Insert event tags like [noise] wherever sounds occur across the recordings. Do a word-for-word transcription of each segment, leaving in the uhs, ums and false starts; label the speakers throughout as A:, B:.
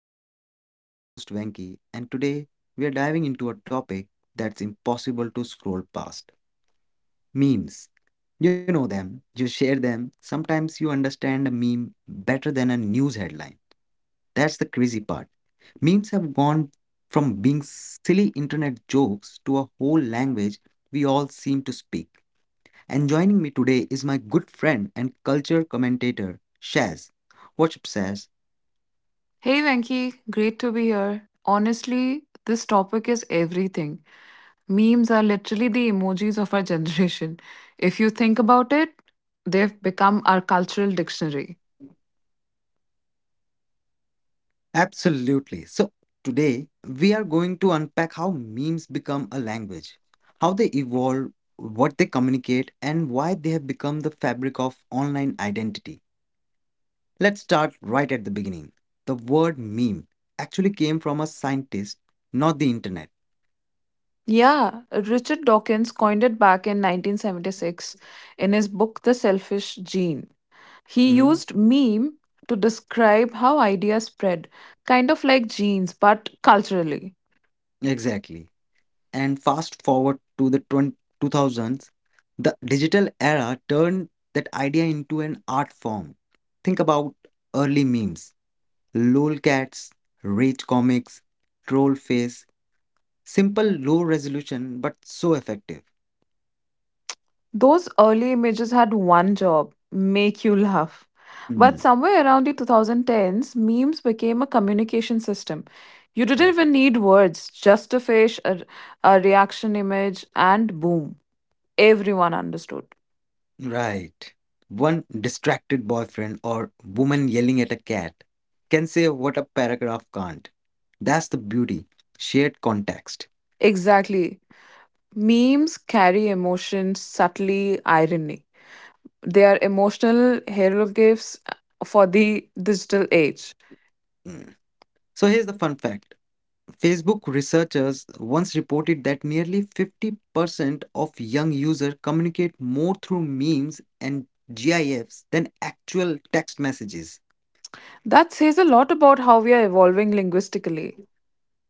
A: Podcast. I'm your host Venki, and today we are diving into a topic that's impossible to scroll past memes. You know them, you share them, sometimes you understand a meme better than a news headline. That's the crazy part. Memes have gone from being silly internet jokes to a whole language we all seem to speak. And joining me today is my good friend and culture commentator, Shaz. What's up, Shaz?
B: Hey Venki, great to be here. Honestly, this topic is everything. Memes are literally the emojis of our [laughs] generation. If you think about it, they've become our cultural dictionary.
A: Absolutely. So, today we are going to unpack how memes become a language, how they evolve, what they communicate, and why they have become the fabric of online identity. Let's start right at the beginning. The word meme actually came from a scientist, not the internet.
B: Yeah, Richard Dawkins coined it back in nineteen seventy-six in his book The Selfish Gene. He
A: Mhm.
B: used meme to describe how ideas spread, kind of like genes, but culturally.
A: Exactly. And fast forward to the twenty two thousands, the digital era turned that idea into an art form. Think about early memes: lolcats, rage comics, troll face. Simple, low resolution, but so effective.
B: Those early images had one job make you laugh.
A: Hmm.
B: But somewhere around the twenty tens, memes became a communication system. You didn't
A: Right.
B: even need words, just a face, a, a reaction image, and boom, everyone understood.
A: Right. One distracted boyfriend or woman yelling at a cat can say what a paragraph can't. That's the beauty, shared context.
B: Exactly. Memes carry emotion, subtly irony. They are emotional hieroglyphs uh, for the digital age.
A: Mm. So here's the fun fact: Facebook researchers once reported that nearly fifty percent of young users communicate more through memes and GIFs than actual text messages.
B: That says a lot about how we are evolving linguistically.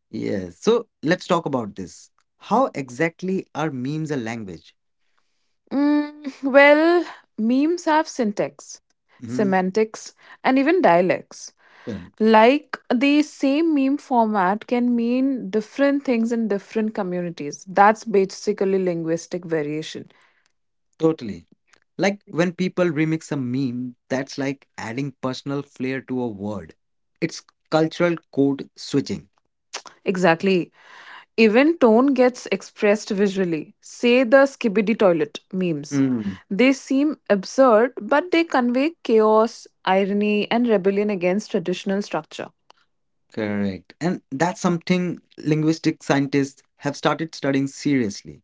A: Yes. So let's talk about this. How exactly are memes a language?
B: Mm, well, memes have syntax,
A: Hmm.
B: semantics, and even dialects.
A: Yeah,
B: Like the same meme format can mean different things in different communities. That's basically linguistic variation.
A: totally. Like when people remix a meme, that's like adding personal flair to a word. It's cultural code switching.
B: Exactly. Even tone gets expressed visually. Say the skibidi toilet memes.
A: Mm,
B: They seem absurd, but they convey chaos, irony, and rebellion against traditional structure.
A: correct. And that's something linguistic scientists have started studying seriously.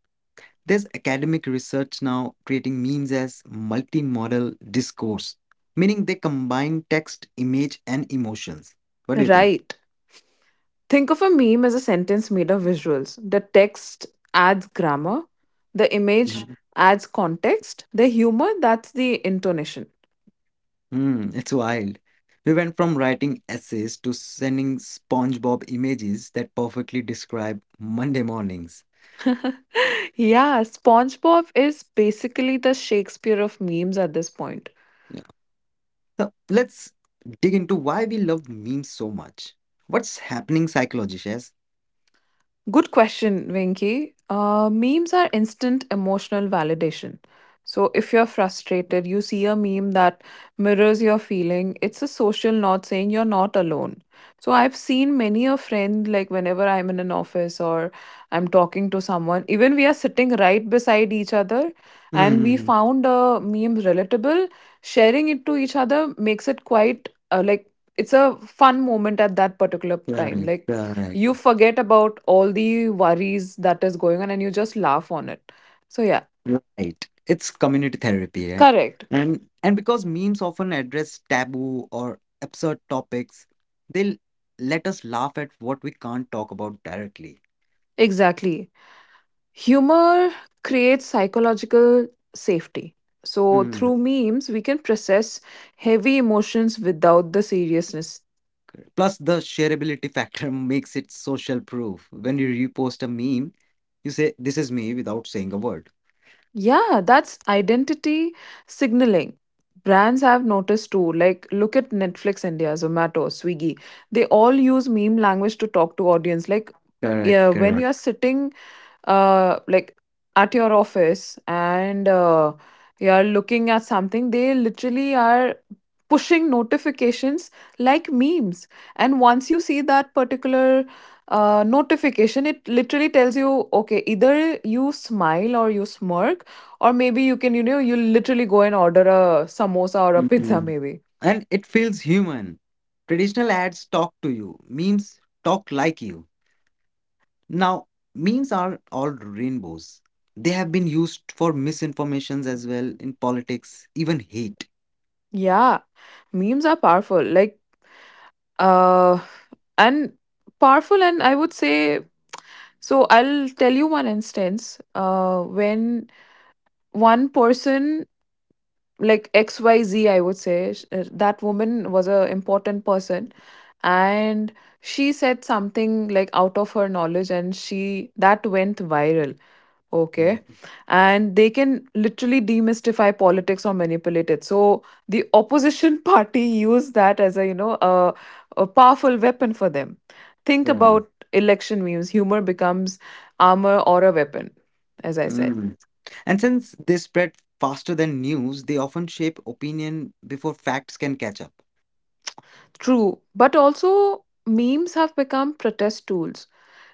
A: There's academic research now creating memes as multimodal discourse, meaning they combine text, image, and emotions. What do you
B: Right. Think of a meme as a sentence made of visuals. The text adds grammar, the image
A: think?
B: adds context, the humor, that's the intonation.
A: Hmm, it's wild. We went from writing essays to sending SpongeBob images that perfectly describe Monday mornings.
B: Yeah, SpongeBob is basically the Shakespeare of memes at this point.
A: Yeah. So let's dig into why we love memes so much. What's happening psychologically? Yes.
B: Good question, Venki. Uh, memes are instant emotional validation. So if you're frustrated, you see a meme that mirrors your feeling. It's a social nod saying you're not alone. So I've seen many a friend, like whenever I'm in an office or I'm talking to someone, even we are sitting right beside each other and we
A: Hmm.
B: found a meme relatable, sharing it to each other makes it quite uh, like it's a fun moment at that particular time.
A: Correct.
B: Like
A: Correct.
B: you forget about all the worries that is going on and you just laugh on it so yeah.
A: Right. It's community therapy, right?
B: Correct.
A: And and because memes often address taboo or absurd topics, they'll let us laugh at what we can't talk about directly.
B: Exactly, humor creates psychological safety. So
A: Hmm.
B: through memes we can process heavy emotions without the seriousness.
A: Plus, the shareability factor [laughs] makes it social proof. When you repost a meme, you say, "This is me," without saying a word.
B: Yeah, that's identity signaling. Brands have noticed too, like look at Netflix India, Zomato, Swiggy. They all use meme language to talk to audience. Like yeah,
A: Correct,
B: when
A: correct.
B: you're sitting uh like at your office and uh, you are looking at something, they literally are pushing notifications like memes, and once you see that particular uh, notification, it literally tells you okay, either you smile or you smirk, or maybe you can, you know, you literally go and order a samosa or a pizza
A: Mm.
B: maybe.
A: And it feels human. Traditional ads talk to you, memes talk like you. Now, memes are all rainbows. They have been used for misinformations as well in politics, even hate.
B: Yeah, memes are powerful, like uh, and powerful, and I would say, so I'll tell you one instance uh, when one person, like X Y Z, I would say, sh- uh, that woman was a important person, and she said something like out of her knowledge, and she, that went viral. Okay.
A: Mhm.
B: And they can literally demystify politics or manipulate it. So the opposition [laughs] party use that as, a, you know, a, a powerful weapon for them. Think
A: Correct.
B: about election memes. Humor becomes armor or a weapon, as I said.
A: Mm. And since they spread faster than news, they often shape opinion before facts can catch up.
B: True. But also, memes have become protest tools.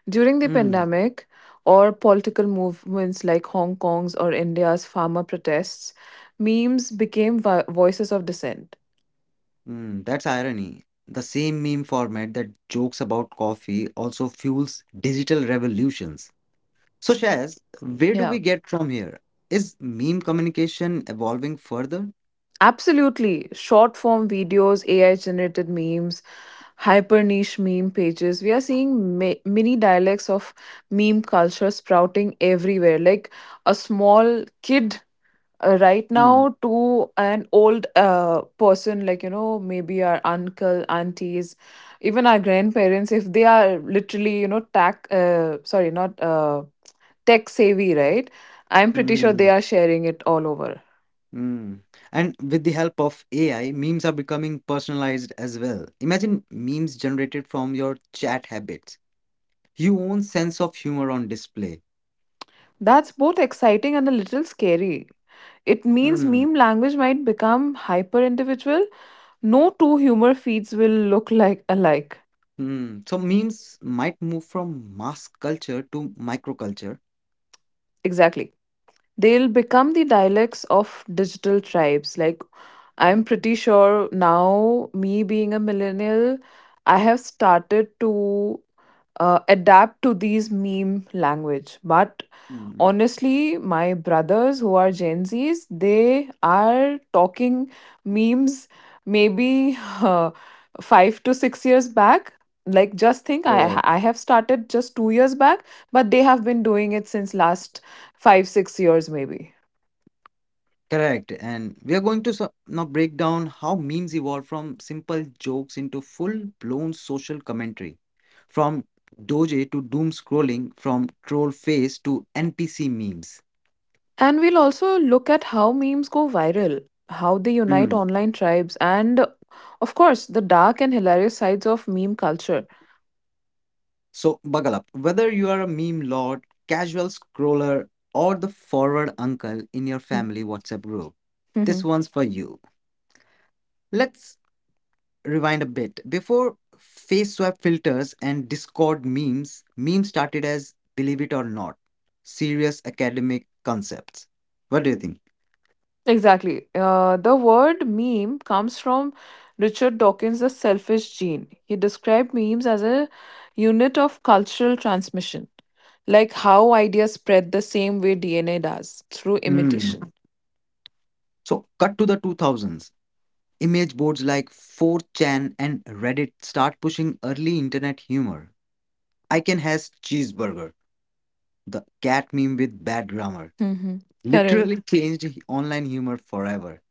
B: During the
A: Hmm.
B: pandemic, or political movements like Hong Kong's or India's farmer protests, memes became vi- voices of dissent.
A: Mm, that's irony. The same meme format that jokes about coffee also fuels digital revolutions. So, Shaz, where do
B: Yeah,
A: we get from here? Is meme communication evolving further?
B: absolutely. Short form videos, A I generated memes, hyper niche meme pages. We are seeing ma- mini dialects of meme culture sprouting everywhere. Like a small kid uh, right
A: Hmm.
B: now to an old uh, person, like, you know, maybe our uncle, aunties, even our grandparents, if they are literally, you know, tack, uh, sorry, not uh, tech savvy, right? I'm pretty sure they
A: Hmm.
B: are sharing it all over.
A: Hmm. And with the help of A I, memes are becoming personalized as well. Imagine memes generated from your chat habits, your own sense of humor on display.
B: That's both exciting and a little scary. It means
A: Hmm.
B: meme language might become hyper individual. No two humor feeds will look like alike.
A: Hmm. So memes might move from mass culture to microculture.
B: Exactly. They'll become the dialects of digital tribes. Like I'm pretty sure now, me being a millennial, I have started to uh, adapt to these meme language. But
A: Mm.
B: honestly, my brothers who are Gen Zs, they are talking memes maybe uh, five to six years back. Like, just think, I
A: Correct.
B: I have started just two years back, but they have been doing it since last five six years maybe.
A: Correct. And we are going to so- now break down how memes evolve from simple jokes into full-blown social commentary, from doje to doom scrolling, from troll face to N P C memes.
B: And we'll also look at how memes go viral, how they unite
A: Mm.
B: online tribes, and of course, the dark and hilarious sides of meme culture.
A: So, buckle up. Whether you are a meme lord, casual scroller, or the forward uncle in your
B: Mm,
A: family WhatsApp group, this
B: mhm.
A: one's for you. Let's rewind a bit. Before face swap filters and Discord memes, memes started as, believe it or not, serious academic concepts. What do you think?
B: Exactly. Uh, the word meme comes from Richard Dawkins' The Selfish Gene. He described memes as a unit of cultural transmission, like how ideas spread the same way D N A does through
A: Hmm.
B: imitation.
A: So, cut to the two thousands. Image boards like four chan and Reddit start pushing early internet humor. Icon has cheeseburger, the cat meme with bad grammar.
B: Mhm.
A: Literally changed online humor forever.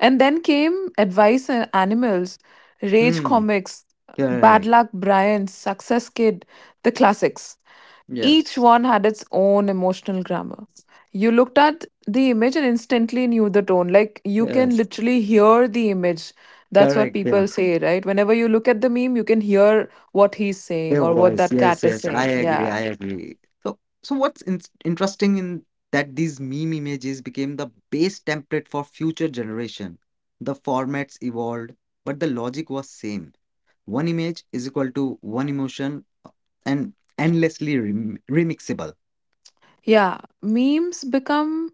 B: And then came Advice and Animals, Rage
A: Hmm.
B: Comics, Bad
A: Correct.
B: Luck Brian, Success Kid, the classics. Each
A: Yes.
B: one had its own emotional grammar. You looked at the image and instantly knew the tone. Like you can
A: Yes.
B: literally hear the image. That's what
A: Correct.
B: people say, right? Whenever you look at the meme, you can hear what he's saying
A: Your
B: or what
A: voice.
B: that
A: Yes,
B: cat is
A: yes. I
B: saying.
A: agree.
B: Yeah.
A: I agree. So, so what's in- interesting in that these meme images became the base template for future generation. The formats evolved, but the logic was same. One image is equal to one emotion uh, and endlessly rem- remixable.
B: Yeah, memes become,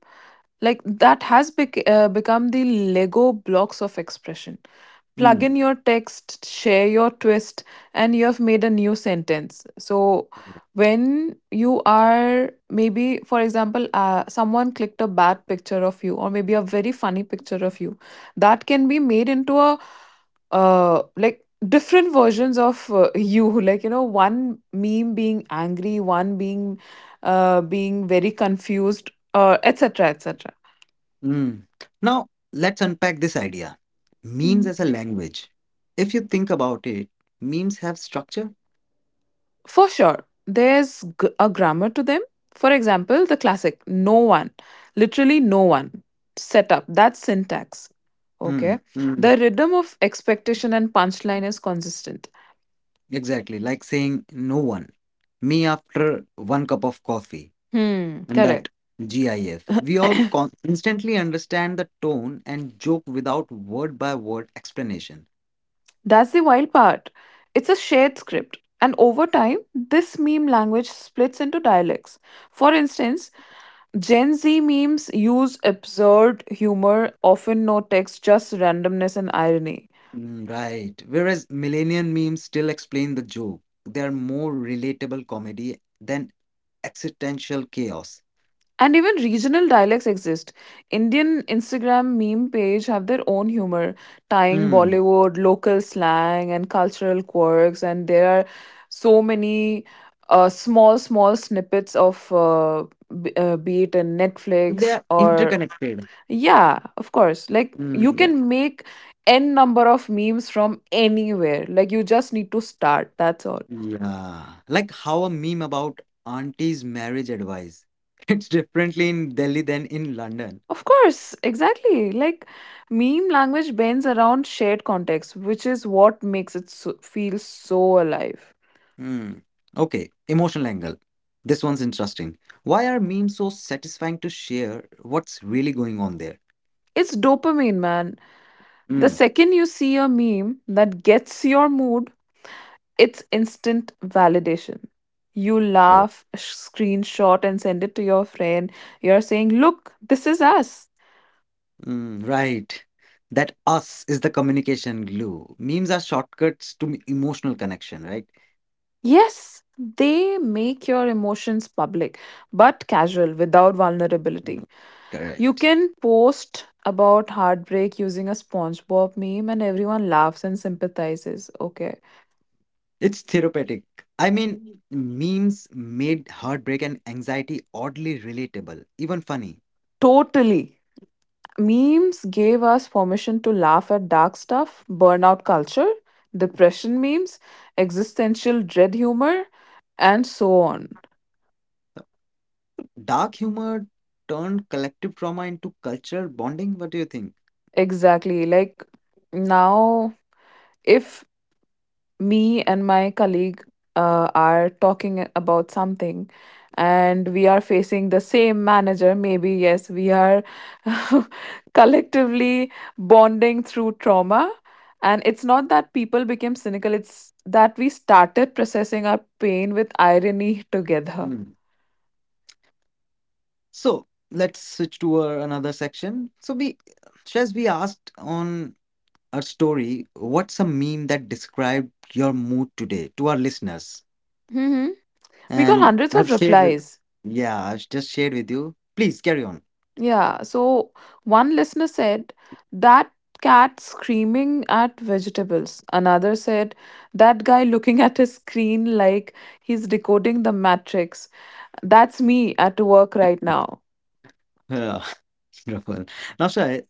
B: like that has bec- uh, become the lego blocks of expression. Plug
A: Mm.
B: in your text, share your twist, and you have made a new sentence. So when you are, maybe for example, uh, someone clicked a bad picture of you, or maybe a very funny picture of you, that can be made into a, uh, like different versions of uh, you [laughs] like, you know, one meme being angry, one being uh, being very confused, uh, etc, etc.
A: Mm. Now, let's unpack this idea. Memes
B: Mm.
A: as a language. If you think about it, memes have structure.
B: For sure, there's g- a grammar to them. For example, the classic no one, literally no one, set up, that's syntax. Okay.
A: Mm.
B: The rhythm of expectation and punchline is consistent.
A: Exactly, like saying no one, me after one cup of coffee,
B: Hmm,
A: and
B: correct.
A: that GIF. We all con- instantly understand the tone and joke without word by word explanation.
B: That's the wild part. It's a shared script. And over time, this meme language splits into dialects. For instance, Gen Z memes use absurd humor, often no text, just randomness and irony.
A: Mm. Right. Whereas millennial memes still explain the joke, they are more relatable comedy than existential chaos.
B: And even regional dialects exist. Indian Instagram meme page have their own humor, tying
A: Mm.
B: Bollywood, local slang, and cultural quirks. And there are so many uh, small, small snippets of uh, b- uh, be it in
A: They
B: Netflix
A: are
B: or
A: interconnected.
B: yeah, of course. Like you
A: Mm.
B: can make n number of memes from anywhere. Like you just need to start. That's all.
A: Yeah, like how a meme about auntie's marriage advice. [laughs] It's differently in Delhi than in London.
B: Of course, exactly. Like meme language bends around shared context, which is what makes it so, feel so alive.
A: Hmm. Okay, emotional angle. This one's interesting. Why are memes so satisfying to share? What's really going on there?
B: It's dopamine, man. The
A: Hmm.
B: second you see a meme that gets your mood, it's instant validation. You laugh, sh- screenshot, and send it to your friend. You're saying, look, this is us.
A: Mm, right. That "us" is the communication glue. Memes are shortcuts to m- emotional connection, right?
B: Yes, they make your emotions public, but casual, without
A: Mm.
B: vulnerability. You
A: Correct.
B: can post about heartbreak using a SpongeBob meme and everyone laughs and sympathizes. Okay.
A: It's therapeutic. I mean, memes made heartbreak and anxiety oddly relatable, even funny.
B: Totally. Memes gave us permission to laugh at dark stuff, burnout culture, depression memes, existential dread humor, and so on.
A: Dark humor turned collective trauma into cultural bonding. What do you think?
B: Exactly. Like now, if me and my colleague uh, are talking about something and we are facing the same manager, maybe yes we are [laughs] collectively bonding through trauma. And it's not that people became cynical, it's that we started processing our pain with irony together.
A: Mm. So let's switch to our another section. So we, Shaz, we asked on our story, what's a meme that described your mood today, to our listeners?
B: Hmm. We got
A: And
B: hundreds
A: I've
B: of
A: shared with,
B: replies.
A: yeah, I've just shared with you. Please carry on.
B: Yeah, so one listener said that cat screaming at vegetables. Another said that guy looking [laughs] at his screen like he's decoding the matrix. That's me at work right now.
A: Yeah, [laughs] wonderful. Now, Shai,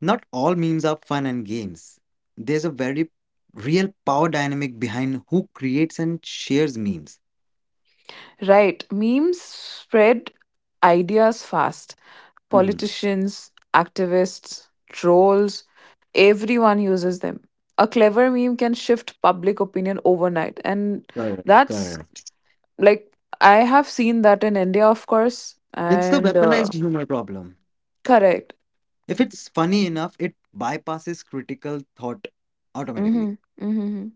A: not all memes are fun and games. There's a very real power dynamic behind who creates and shares memes.
B: Right, memes spread ideas fast.
A: Hmm.
B: Politicians, activists, trolls, everyone uses them. A clever meme can shift public opinion overnight, and
A: Correct,
B: that's
A: correct.
B: like I have seen that in India, of course,
A: It's the
B: and uh,
A: weaponized humor problem.
B: correct.
A: If it's funny enough, it bypasses critical thought
B: Mm-hmm,
A: automatically.
B: mm-hmm.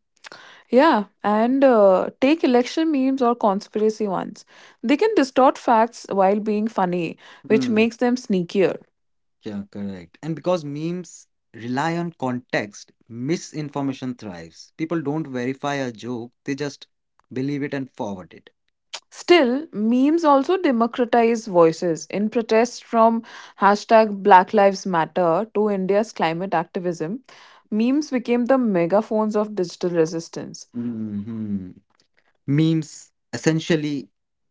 B: Yeah, and uh, take election memes or conspiracy ones, they can distort facts while being funny, which
A: Mm.
B: makes them sneakier.
A: Yeah, correct. And because memes rely on context, misinformation thrives. People don't verify a joke, they just believe it and forward it.
B: Still, memes also democratize voices in protest, from hashtag Black Lives Matter to India's climate activism, memes became the megaphones of digital resistance.
A: Hmm. Memes essentially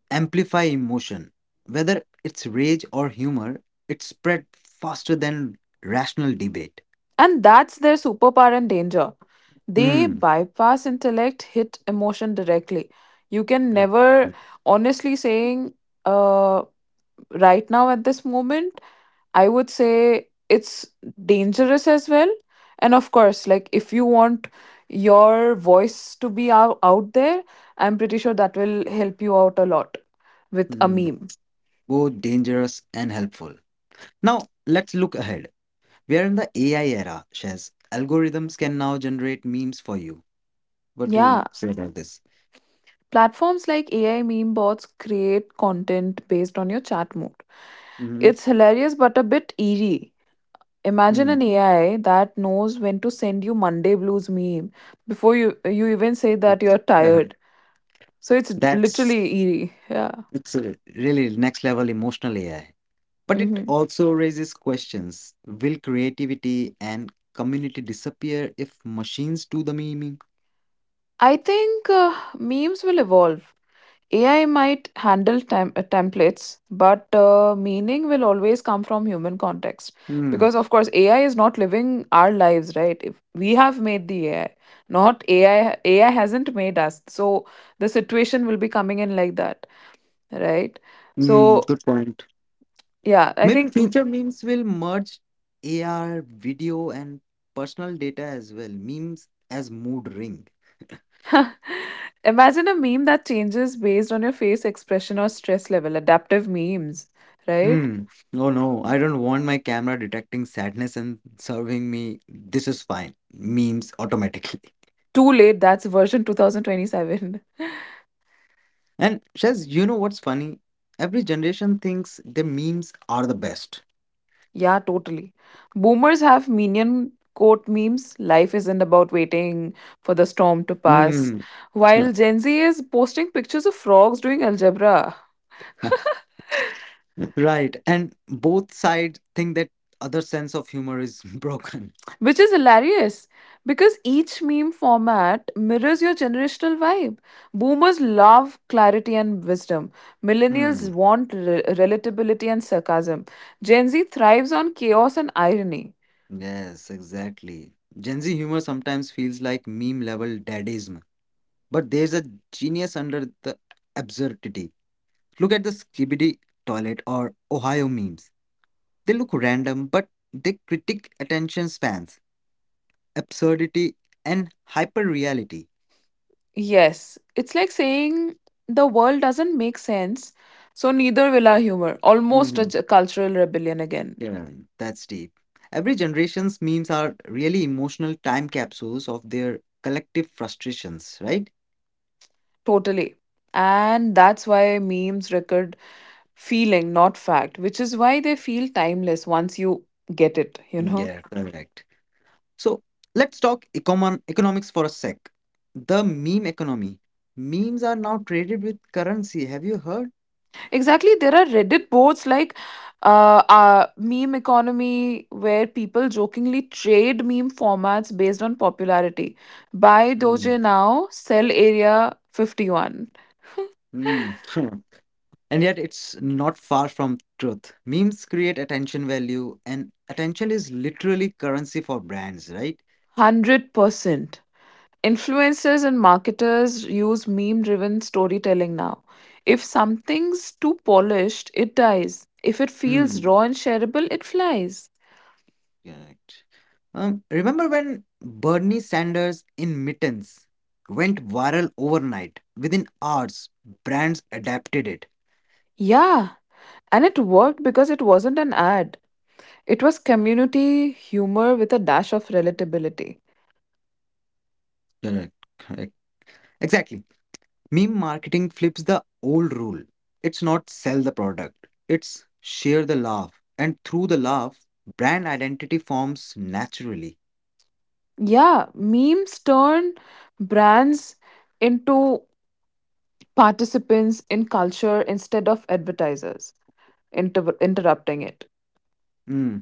A: amplify emotion. Whether it's rage or humor, it spread faster than rational debate.
B: And that's their superpower and danger. They
A: Hmm.
B: bypass intellect, hit emotion directly. You can never, honestly saying, uh, right now at this moment, I would say it's dangerous as well. And of course, like if you want your voice to be out, out there, I'm pretty sure that will help you out a lot with a
A: Hmm.
B: meme.
A: Both dangerous and helpful. Now, let's look ahead. We are in the A I era, Shaz. Algorithms can now generate memes for you. What do
B: Yeah.
A: you say about this?
B: Platforms like A I meme bots create content based on your chat mood.
A: Mm-hmm.
B: It's hilarious but a bit eerie. Imagine an A I that knows when to send you Monday blues meme before you you even say that you're tired. So it's
A: That's,
B: literally eerie. Yeah.
A: it's a really next level emotional A I. But it
B: Hmm,
A: also raises questions. Will creativity and community disappear if machines do the memeing?
B: I think uh, memes will evolve. A I might handle tem- uh, templates, but uh, meaning will always come from human context.
A: Hmm.
B: Because, of course, A I is not living our lives, right? If we have made the A I, not A I. A I hasn't made us. So the situation will be coming in like that, right?
A: Hmm,
B: So,
A: good point.
B: yeah, I
A: Maybe
B: think.
A: future memes will merge A R, video, and personal data as well. Memes as mood ring.
B: [laughs] Imagine a meme that changes based on your face expression or stress level, adaptive memes, right?
A: Hmm. No, no, I don't want my camera detecting sadness and serving me. This is fine. Memes automatically. [laughs]
B: Too late, that's version two thousand twenty-seven.
A: And Shaz, you know what's funny? Every generation thinks their memes are the best.
B: Yeah, totally. Boomers have minion quote memes. Life isn't about waiting for the storm to pass.
A: Hmm.
B: While
A: [laughs]
B: Gen Z is posting pictures of frogs doing algebra,
A: [laughs] Right. And both sides think that other sense of humor is [laughs] broken.
B: which is hilarious, because each meme format mirrors your generational vibe. Boomers love clarity and wisdom.
A: Hmm.
B: Millennials want re- relatability and sarcasm. Gen Z thrives on chaos and irony.
A: Yes, exactly. Gen Z humor sometimes feels like meme level dadism, but there's a genius under the absurdity. Look at the Skibidi toilet or Ohio memes. They look random, but they critique attention spans, absurdity, and hyper reality.
B: Yes, it's like saying the world doesn't make sense, so neither will our humor. Almost a j- cultural rebellion again.
A: Yeah, that's deep. Every generation's memes are really emotional time capsules of their collective frustrations, right?
B: Totally. And that's why memes record feeling, not fact, which is why they feel timeless once you get it, you know?
A: Yeah,
B: [laughs]
A: correct. So let's talk econ- economics for a sec. The meme economy. Memes are now traded with currency. Have you heard?
B: Exactly. There are Reddit boards like uh, uh, Meme Economy where people jokingly trade meme formats based on popularity. Buy
A: Mm.
B: Doge now, sell Area fifty one.
A: Mm. [laughs] And yet it's not far from truth. Memes create attention value, and attention is literally currency for brands, right?
B: one hundred percent. Influencers and marketers use meme driven storytelling now. If something's too polished, it dies. If it feels raw and shareable, it flies.
A: Correct. Um, remember when Bernie Sanders in mittens went viral overnight? Within hours, brands adapted it.
B: Yeah, and it worked because it wasn't an ad. It was community humor with a dash of relatability.
A: Correct. Correct. Exactly. Meme marketing flips the old rule. It's not sell the product, it's share the laugh. And through the laugh, brand identity forms naturally.
B: Yeah, memes turn brands into participants in culture instead of advertisers inter- interrupting it.
A: Mm.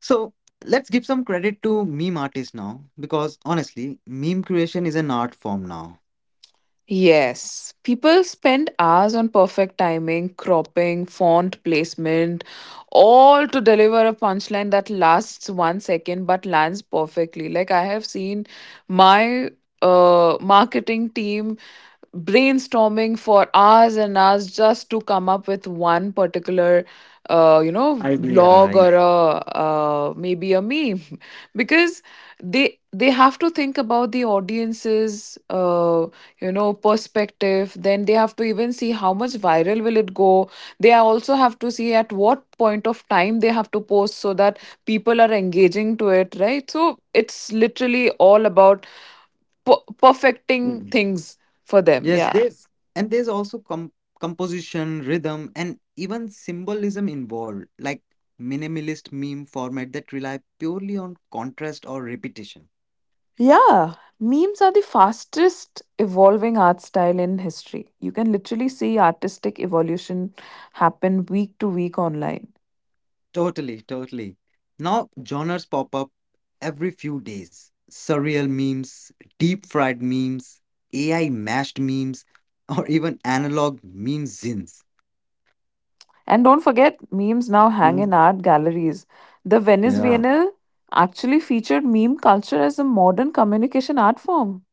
A: So let's give some credit to meme artists now because honestly, meme creation is an art form now.
B: Yes, people spend hours on perfect timing, cropping, font placement, all to deliver a punchline that lasts one second but lands perfectly. Like, I have seen my uh, marketing team brainstorming for hours and hours just to come up with one particular uh, you know
A: Idea, right?
B: blog or a uh, maybe a meme [laughs] because they they have to think about the audience's uh, you know perspective, then they have to even see how much viral will it go. They also have to see at what point of time they have to post, so that people are engaging to it, right? So it's literally all about per- perfecting things for them.
A: Yes,
B: Yeah.
A: there's and there's also com- composition, rhythm, and even symbolism involved, like minimalist meme format that rely purely on contrast or repetition.
B: Yeah, memes are the fastest evolving art style in history. You can literally see artistic evolution happen week to week online.
A: Totally, totally. Now genres pop up every few days. Surreal memes, deep fried memes, A I mashed memes, [laughs] or even analog meme zines.
B: And don't forget, memes now hang
A: Mhm.
B: in art galleries. The Venice
A: Yeah,
B: Biennale actually featured meme culture as a modern communication art form.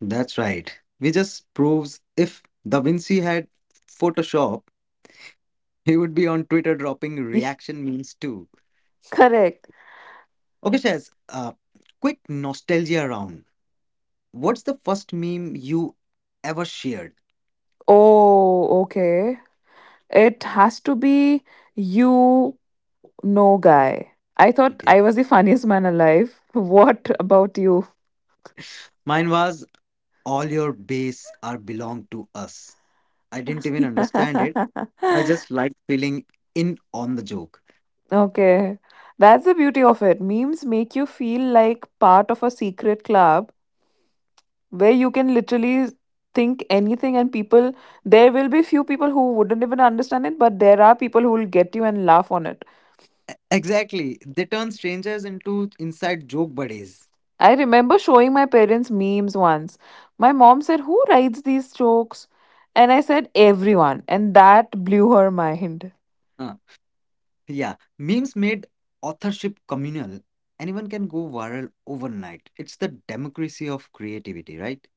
A: that's right. Which just proves if Da Vinci had Photoshop, [laughs] he would be on Twitter dropping
B: [laughs] Ye-
A: reaction memes too.
B: Correct.
A: Okay, Shaz, uh, quick nostalgia round. What's the first meme you ever shared?
B: Oh, okay. It has to be you. No guy. I thought
A: Okay.
B: I was the funniest man alive. [laughs] What about you?
A: Mine was "all your base are belong to us." I didn't even
B: [laughs]
A: understand it. I just liked feeling in on the joke.
B: Okay. That's the beauty of it. Memes make you feel like part of a secret club where you can literally think anything, and people there, will be few people who wouldn't even understand it, but there are people who will get you and laugh on it.
A: E- Exactly. They turn strangers into inside joke buddies.
B: I remember showing my parents memes once. My mom said, "Who writes these jokes?" And I said, "Everyone." And that blew her mind.
A: Uh, yeah. Memes made authorship communal. Anyone can go viral overnight. It's the democracy of creativity, right?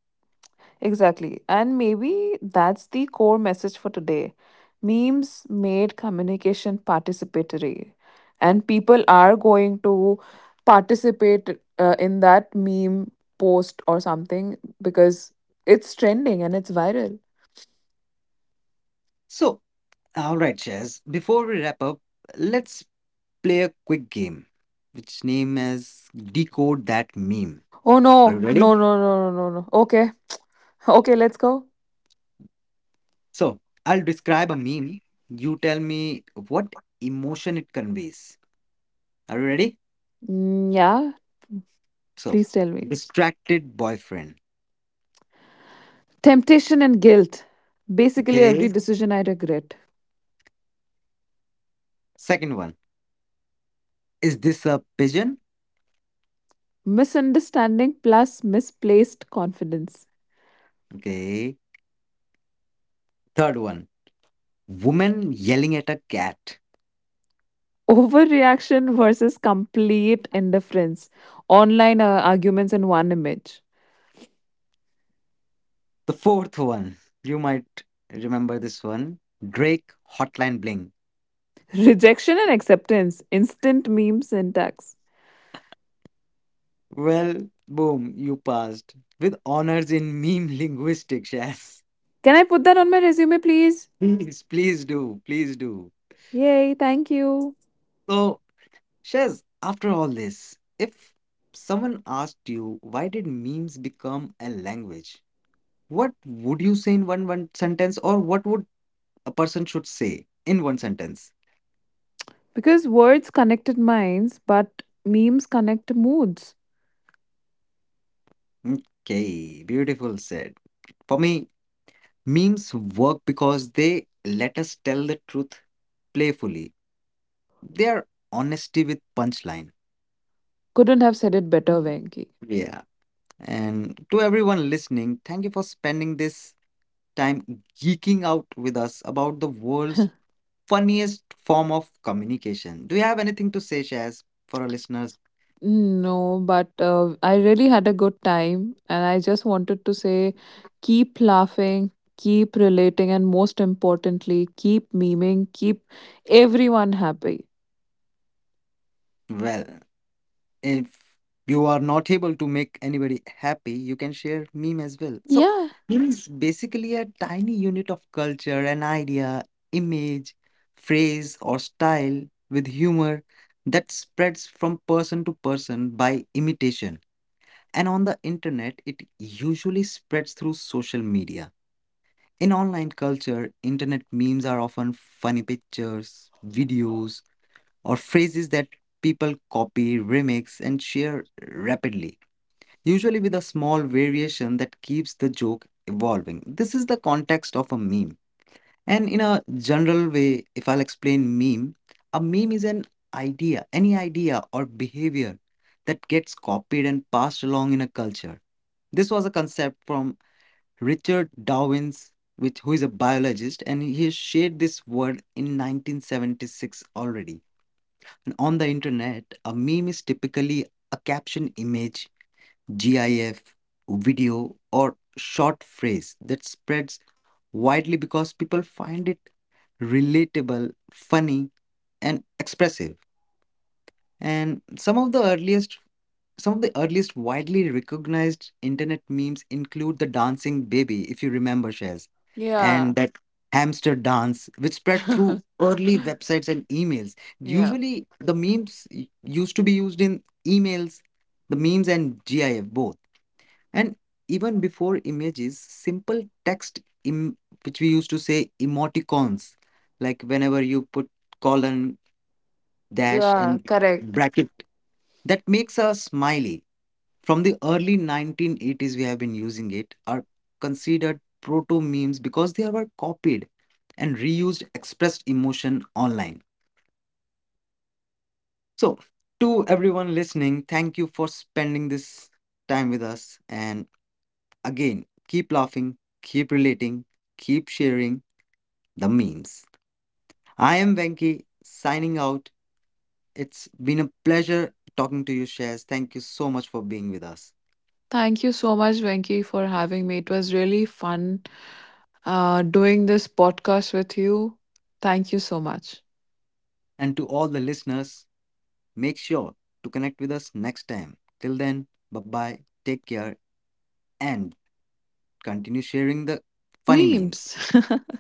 B: Exactly. And maybe that's the core message for today. Memes made communication participatory, and people are going to participate uh, in that meme post or something because it's trending and it's viral.
A: So, all right, Chaz, before we wrap up, let's play a quick game, which name is Decode That Meme.
B: Oh
A: Are you
B: no, no,
A: ready?
B: no, no, no, no, no. Okay, okay, let's go.
A: So, I'll describe a meme. You tell me what emotion it conveys. Are you ready?
B: Mm, yeah,
A: So,
B: please tell me.
A: distracted boyfriend.
B: Temptation and guilt. Basically,
A: Okay.
B: every decision I regret.
A: Second one, is this a pigeon?
B: Misunderstanding plus misplaced confidence.
A: Okay. Third one, woman yelling at a cat.
B: Overreaction versus complete indifference. Online uh, arguments in one image.
A: The fourth one, you might remember this one, Drake Hotline Bling.
B: Rejection and acceptance. Instant meme syntax.
A: Well, boom, you passed with honors in meme linguistics, Shaz.
B: Can I put that on my resume, please?
A: [laughs] Please, please do, please do.
B: Yay, thank you.
A: So, Shaz, after all this, if someone asked you why did memes become a language, what would you say in one one sentence, or what would a person should say in one sentence?
B: Because words connected minds, but memes connect moods.
A: Mm, okay, beautiful said. For me, memes work because they let us tell the truth playfully. They are honesty with punchline.
B: Couldn't have said it better,
A: Mhm.
B: Venki.
A: Yeah. And to everyone listening, thank you for spending this time geeking out with us about the world's
B: [laughs]
A: funniest form of communication. Do you have anything to say, Shaz, for our listeners?
B: No, but uh, I really had a good time, and I just wanted to say keep laughing, keep relating, and most importantly, keep memeing, keep everyone happy.
A: Well, if you are not able to make anybody happy, you can share meme as well. So
B: Yeah.
A: meme is basically a tiny unit of culture, an idea, image, phrase, or style with humor that spreads from person to person by imitation. And on the internet, it usually spreads through social media. In online culture, internet memes are often funny pictures, videos, or phrases that people copy, remix, and share rapidly, usually with a small variation that keeps the joke evolving. This is the context of a meme. And in a general way, if I'll explain meme, a meme is an idea, any idea or behavior that gets copied and passed along in a culture. This was a concept from Richard Dawkins, which, who is a biologist, and he shared this word in nineteen seventy-six already. On the internet, a meme is typically a caption image, GIF, video, or short phrase that spreads widely because people find it relatable, funny, and expressive. And some of the earliest some of the earliest widely recognized internet memes include the dancing baby, if you remember Shaz,
B: Yeah.
A: and that hamster dance, which spread through
B: [laughs]
A: early websites and emails.
B: Yeah.
A: Usually the memes y- used to be used in emails, the memes and GIF both. And even before images, simple text im- which we used to say emoticons, like whenever you put colon dash
B: Yeah.
A: and
B: Correct.
A: bracket that makes a smiley. From the early nineteen eighties, we have been using it, are considered proto memes because they were copied and reused, expressed emotion online. So, to everyone listening, thank you for spending this time with us. And again, keep laughing, keep relating, keep sharing the memes. I am Venki signing out. It's been a pleasure talking to you, Shares. Thank you so much for being with us.
B: Thank you so much, Venki, for having me. It was really fun uh, doing this podcast with you. Thank you so much.
A: And to all the listeners, make sure to connect with us next time. Till then, bye bye, take care, and continue sharing the funny memes.
B: Memes. [laughs]